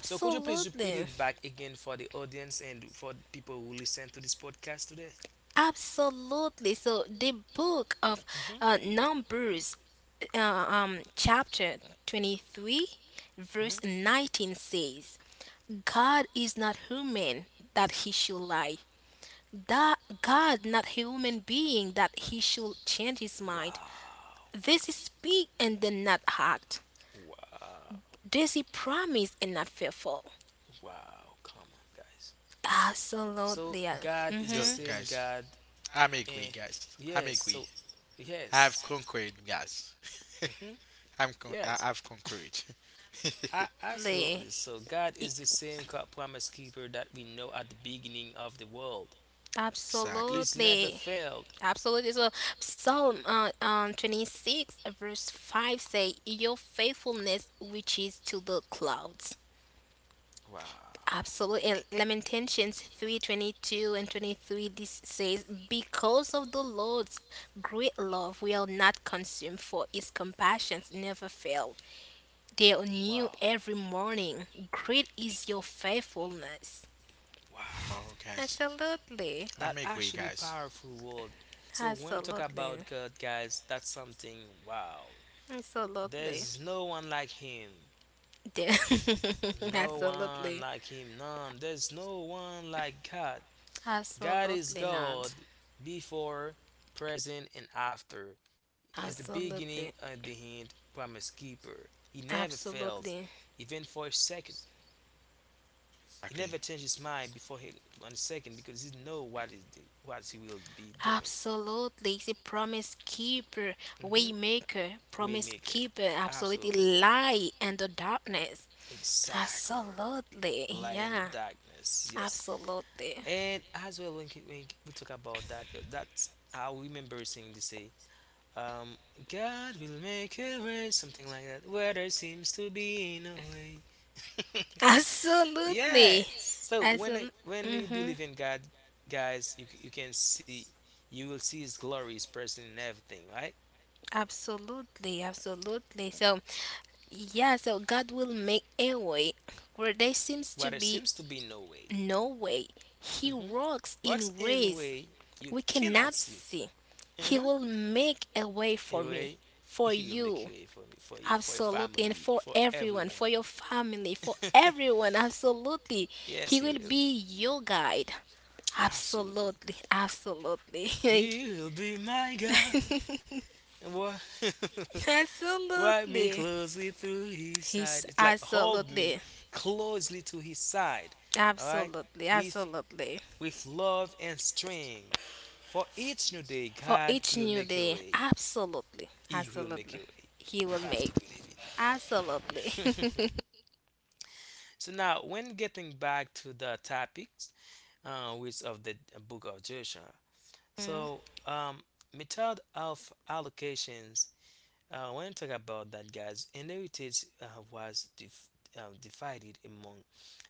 S1: So could you please repeat it back again for the audience and for people who listen to this podcast today?
S2: Absolutely. So the
S1: The
S2: book of
S1: book of. Hmm.
S2: uh, Numbers, uh, um, chapter twenty-three, verse
S1: Hmm.
S2: nineteen says, God is not human that he should lie. That God not human being that he should change his
S1: Mind.
S2: mind.
S1: Wow.
S2: Does he speak and then not act.
S1: Wow.
S2: Does he promise and not fearful.
S1: Wow. Come on, guys. So So
S2: Absolutely.
S1: God
S3: Yo,
S1: is the
S2: Mm-hmm.
S1: same
S3: guys,
S1: God.
S3: I'm agree,
S1: Eh,
S3: guys. I'm
S1: yes.
S3: agree.
S1: So
S3: I've
S1: yes.
S3: conquered, guys.
S1: Hmm.
S3: I'm con- I- I've
S1: Yes.
S3: conquered.
S1: A absolutely. So God is the same God, promise keeper that we know at the beginning of the world.
S3: Exactly.
S1: He's never
S2: Absolutely.
S1: failed.
S2: Absolutely. So Psalm uh, um, twenty-six verse five say your faithfulness reaches to the clouds.
S1: Wow.
S2: Absolutely. And Lamentations three twenty-two and twenty-three this says because of the Lord's great love we are not consumed for his compassions never fail. They are new
S1: Wow. Every
S2: every morning. Great is your faithfulness.
S3: Oh,
S1: wow.
S3: guys,
S2: Absolutely.
S3: I'm
S1: That
S3: agree,
S1: actually
S3: guys.
S1: powerful word. So when we talk
S2: Absolutely.
S1: about God, guys, that's something wow.
S2: Absolutely.
S1: There's no one like him.
S2: Yeah.
S1: No one
S2: Absolutely.
S1: like him. None. There's no one like God. God is
S2: Absolutely not.
S1: God before, present, and after. Is the
S2: Absolutely.
S1: beginning and the end, promise keeper. He never fails,
S2: Absolutely.
S1: even for a second. He
S3: Exactly.
S1: never changes his mind before he, one second because he know what is the, what he will be doing.
S2: Absolutely. He's a promise keeper,
S1: Mhm.
S2: waymaker, promise
S1: Waymaker.
S2: keeper, absolutely
S1: Absolutely.
S2: light and the darkness.
S1: Exactly.
S2: Absolutely.
S1: Light in the
S2: Yeah.
S1: darkness. Yes.
S2: Absolutely.
S1: And as well, when, ki- when we talk about that, 'cause that's I remember seeing this say, um, God will make a way, something like that. Where there seems to be no way. Yeah.
S2: Absolutely.
S1: So when I-
S2: Absolutely.
S1: when you
S2: Mm-hmm.
S1: believe in God, guys, you c- you can see you will see His glory, His presence in everything, right?
S2: Absolutely, absolutely. So, yeah, so God will make a way where there seems
S1: Where
S2: to
S1: there
S2: be
S1: seems to be no way.
S2: no way. He
S1: hmm
S2: works
S1: What's
S2: in
S1: in
S2: ways
S1: way you
S2: we
S1: cannot
S2: cannot
S1: see.
S2: see. He will
S1: Mm-hmm.
S2: make a way for me,
S1: Anyway,
S2: for
S1: he will make a
S2: you,
S1: way for me, for you, for your
S2: absolutely, and
S1: family,
S2: for
S1: for
S2: everyone, for
S1: everyone.
S2: your family, for everyone, absolutely.
S1: yes,
S2: He
S1: he
S2: will
S1: will.
S2: be your guide,
S1: Absolutely.
S2: absolutely, absolutely,
S1: He'll be my God. And wa- Wipe me
S2: absolutely.
S1: closely through his side.
S2: He's
S1: It's like hold me
S2: absolutely,
S1: closely to his side. Alright?
S2: absolutely,
S1: With
S2: absolutely.
S1: with love and strength. For each new day,
S2: For
S1: God
S2: each
S1: will
S2: new
S1: make a
S2: day,
S1: way.
S2: absolutely,
S1: He will make a
S2: absolutely.
S1: way.
S2: He
S1: You
S2: will
S1: have to
S2: make,
S1: believe
S2: absolutely.
S1: it. so now when getting back to the topic uh, with of the book of Joshua. So um, method of allocations. Uh, when you talk about that, guys, inheritance uh, was dif- uh, divided among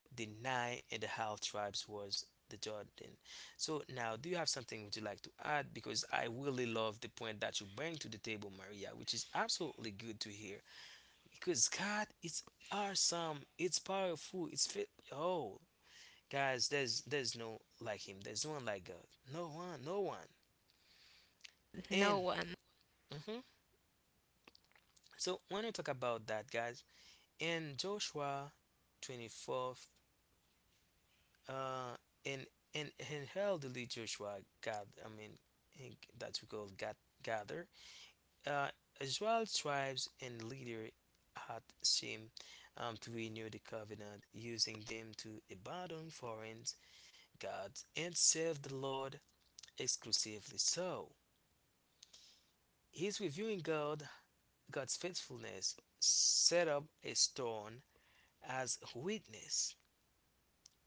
S1: the nine and a half tribes was the Jordan. So now, do you have something would you like to add? Because I really love the point that you bring to the table, Maria, which is absolutely good to hear. Because God, it's awesome, it's powerful, it's fit. Oh, guys, there's there's no like him. There's no one like God. No one, no one. And
S2: No one,
S1: mhm. So when we talk about that, guys, in Joshua twenty-fourth, uh, in in in elderly Joshua, God, I mean, in- that we call God gather, uh, Israel tribes and leader had seemed um, to renew the covenant, using them to abandon foreign gods and serve the Lord exclusively. So His reviewing God, God's faithfulness, set up a stone as witness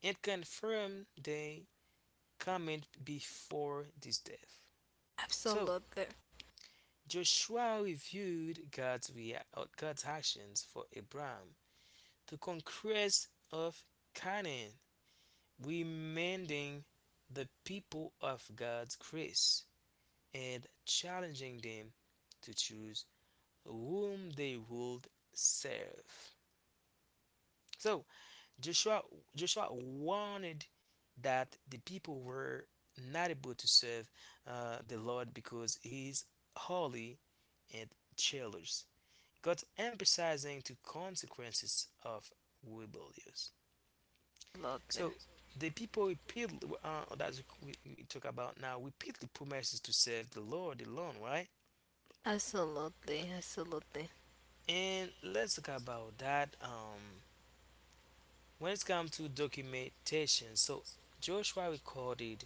S1: and confirmed the comment before this death. So
S2: absolutely.
S1: Joshua reviewed God's, rea- uh, God's actions for Abraham, the conquest of Canaan, reminding the people of God's grace and challenging them to choose whom they would serve. So Joshua Joshua warned that the people were not able to serve uh, the Lord because he is holy and jealous. God emphasizing the consequences of rebellious.
S2: Absolutely.
S1: So the people repeatedly, uh, that's we, we talk about now, repeatedly promises to serve the Lord alone, right?
S2: Absolutely. Absolutely.
S1: And let's talk about that. Um, when it's come to documentation, so Joshua recorded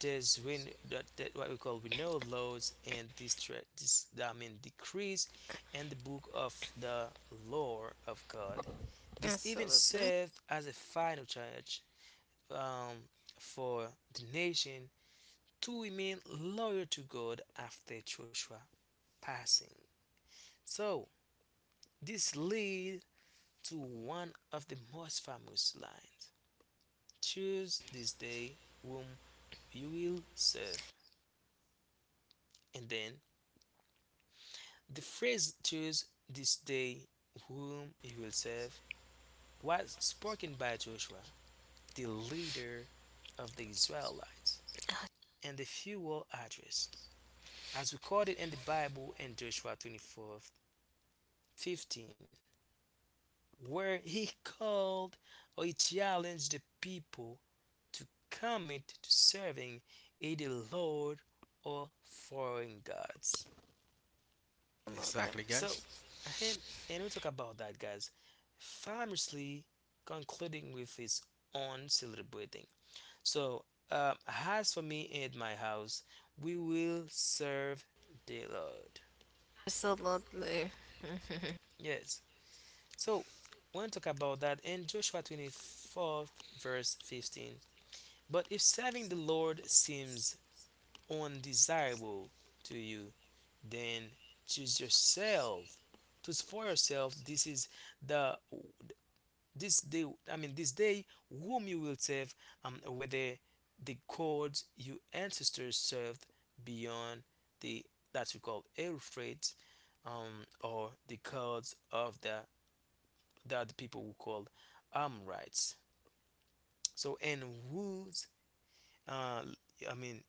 S1: there's win that, that what we call renewal laws and distress. This, I mean decrees, and the book of the law of God. This even
S2: Absolutely.
S1: served as a final charge um, for the nation to remain loyal to God after Joshua passing. So this lead to one of the most famous lines. Choose this day whom you will serve. And then the phrase choose this day whom you will serve was spoken by Joshua, the leader of the Israelites, and the fuel address, as recorded in the Bible in Joshua twenty-four fifteen, where he called or he challenged the people to commit to serving either Lord or foreign gods.
S3: Exactly,
S2: Absolutely.
S3: guys.
S1: So, and and we talk about that, guys. Famously concluding with his own celebrating. So, uh, as for me and my house, we will serve the Lord.
S2: Absolutely. Mhm.
S1: Yes. So, when talk about that in Joshua twenty-fourth, verse fifteen. But if serving the Lord seems undesirable to you, then choose yourself. Choose for yourself. This is the this day, i mean this day whom you will serve, um, whether the gods your ancestors served beyond the that we call euphrates, um, or the gods of the that the people who call amorites. So and whose uh, i mean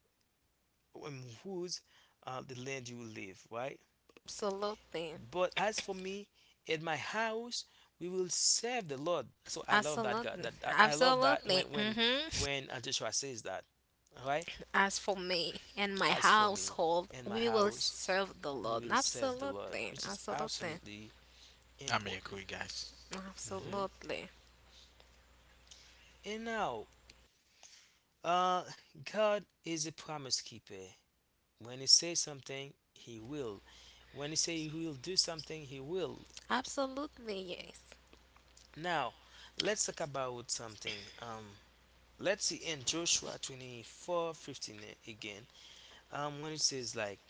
S1: in whose uh, the land you live, right?
S2: Absolutely.
S1: But as for me, in my house, we will serve the Lord. So I love that God.
S2: Absolutely.
S1: That I I love that
S2: Absolutely.
S1: when when
S2: hmm
S1: when uh, Joshua says that, right?
S2: As for me and my
S1: As for me,
S2: household,
S1: in my
S2: we will
S1: house,
S2: serve the
S1: we
S2: Lord.
S1: will serve the Lord,
S2: Absolutely.
S1: which is
S2: Absolutely.
S1: absolutely
S3: I'm agree,
S1: important.
S3: guys. Mm-hmm.
S1: Hmm
S2: Absolutely.
S1: And now, uh, God is a promise keeper. When He says something, He will. When He say He will do something, He will.
S2: Absolutely. Yes.
S1: Now, let's talk about something. Um, let's see in Joshua twenty-four fifteen again, um, when it says, like,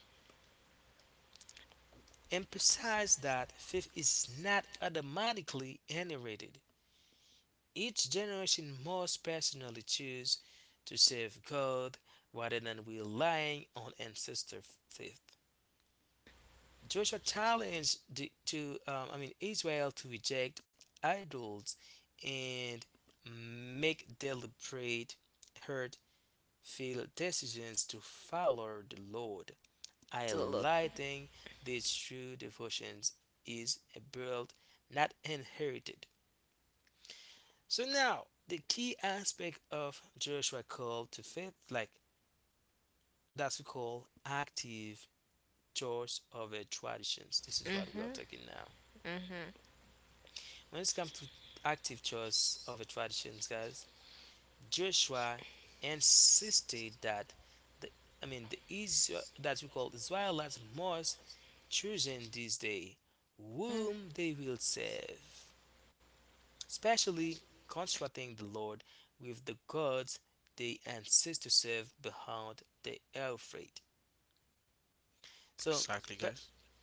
S1: emphasize that faith is not automatically generated. Each generation must personally choose to serve God rather than relying on ancestor faith. Joshua challenged the, to, um, I mean, Israel to reject idols and make deliberate, hurt, feel decisions to follow the Lord.
S2: Absolutely.
S1: Highlighting these true devotions is a build, not inherited. So now the key aspect of Joshua call to faith, like that's we call active choice of a traditions. This is what we are
S2: Hmm.
S1: talking now.
S2: Hmm.
S1: When it comes to active choice of a traditions, guys, Joshua insisted that the I mean the Israel that we call Israelites must choosing this day whom they will serve, especially contrasting the Lord with the gods they insist to serve behind the Euphrates. So,
S3: Exactly, guys.
S1: but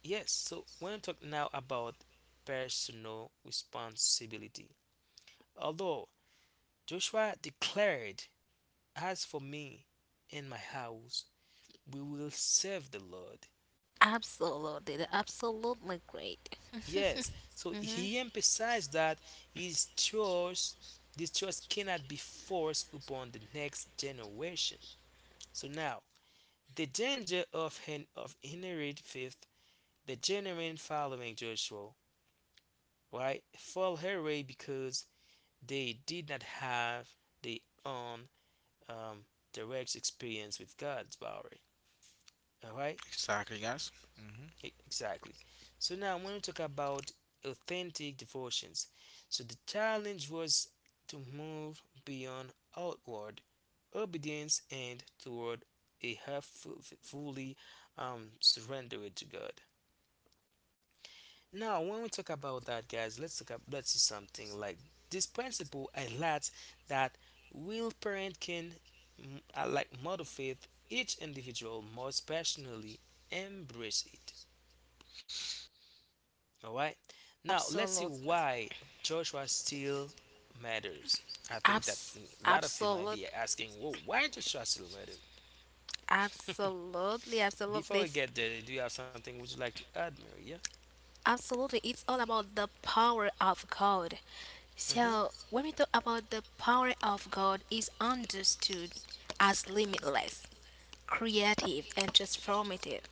S1: yes, so when we talk now about personal responsibility, although Joshua declared, as for me and my house, we will serve the Lord.
S2: Absolutely. Absolutely great.
S1: Yes, so
S2: Hmm.
S1: he emphasized that his choice, this choice cannot be forced upon the next generation. So now, the danger of an of inherit faith, the generation following Joshua, right, fell her way because they did not have their own um, direct experience with God's power. All right.
S3: Exactly, guys. Mm-hmm.
S1: E- Exactly. So now I want to talk about authentic devotions. So the challenge was to move beyond outward obedience and toward a half fu- fully um, surrendered to God. Now, when we talk about that, guys, let's talk about, let's see something like this principle highlights that will parent can, mm, uh, like mother faith, each individual must passionately embrace it. All right. Now let's see
S2: Absolutely.
S1: why Joshua still matters. I think that
S2: Abs-
S1: a lot of you might be
S2: Absolutely.
S1: asking, "Whoa, why Joshua still matters?"
S2: Absolutely, absolutely,
S1: Before we
S2: s-
S1: get there, do you have something would you like to add, Maria?
S2: absolutely. It's all about the power of God. So,
S1: Mm-hmm.
S2: when we talk about the power of God, is understood as limitless, creative, and transformative,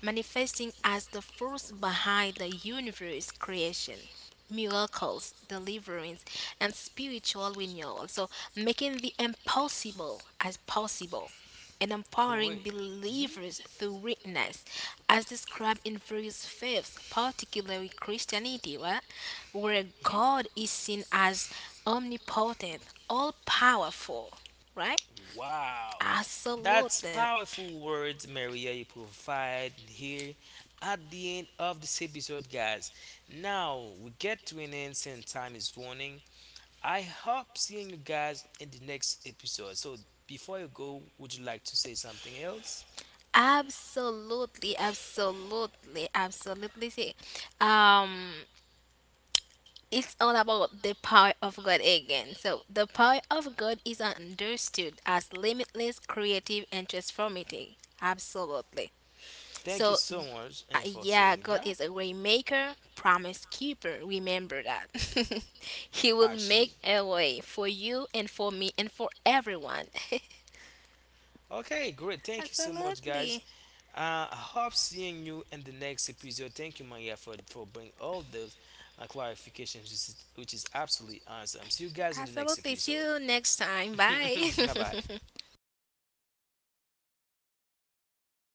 S2: manifesting as the force behind the universe creation, miracles, deliverance, and spiritual renewal. So, making the impossible as possible and empowering
S1: Great. hmm
S2: believers through witness, as described in various faiths, particularly Christianity, right? Where
S1: hmm
S2: God is seen as omnipotent, all powerful, right?
S1: Wow, that's
S2: Absolutely.
S1: powerful words, Maria. You provide here at the end of this episode, guys. Now we get to an end, and time is warning. I hope seeing you guys in the next episode. So before you go, would you like to say something else?
S2: Absolutely, absolutely, absolutely. See, um, it's all about the power of God again. So, the power of God is understood as limitless, creative, and transformative. Absolutely.
S1: Thank you
S2: So,
S1: so much
S2: uh,
S1: and for
S2: yeah,
S1: saying
S2: God
S1: that
S2: is a waymaker, promise keeper. Remember that. He will make
S1: actually.
S2: a way for you and for me and for everyone.
S1: Okay, great. Thank you so much guys.
S2: Absolutely.
S1: Uh, I hope seeing you in the next episode. Thank you, Maria, for for bringing all those uh, clarifications, which is, which is absolutely awesome. See you guys in the next
S2: Absolutely. See
S1: episode.
S2: you next time. Bye.
S1: bye bye.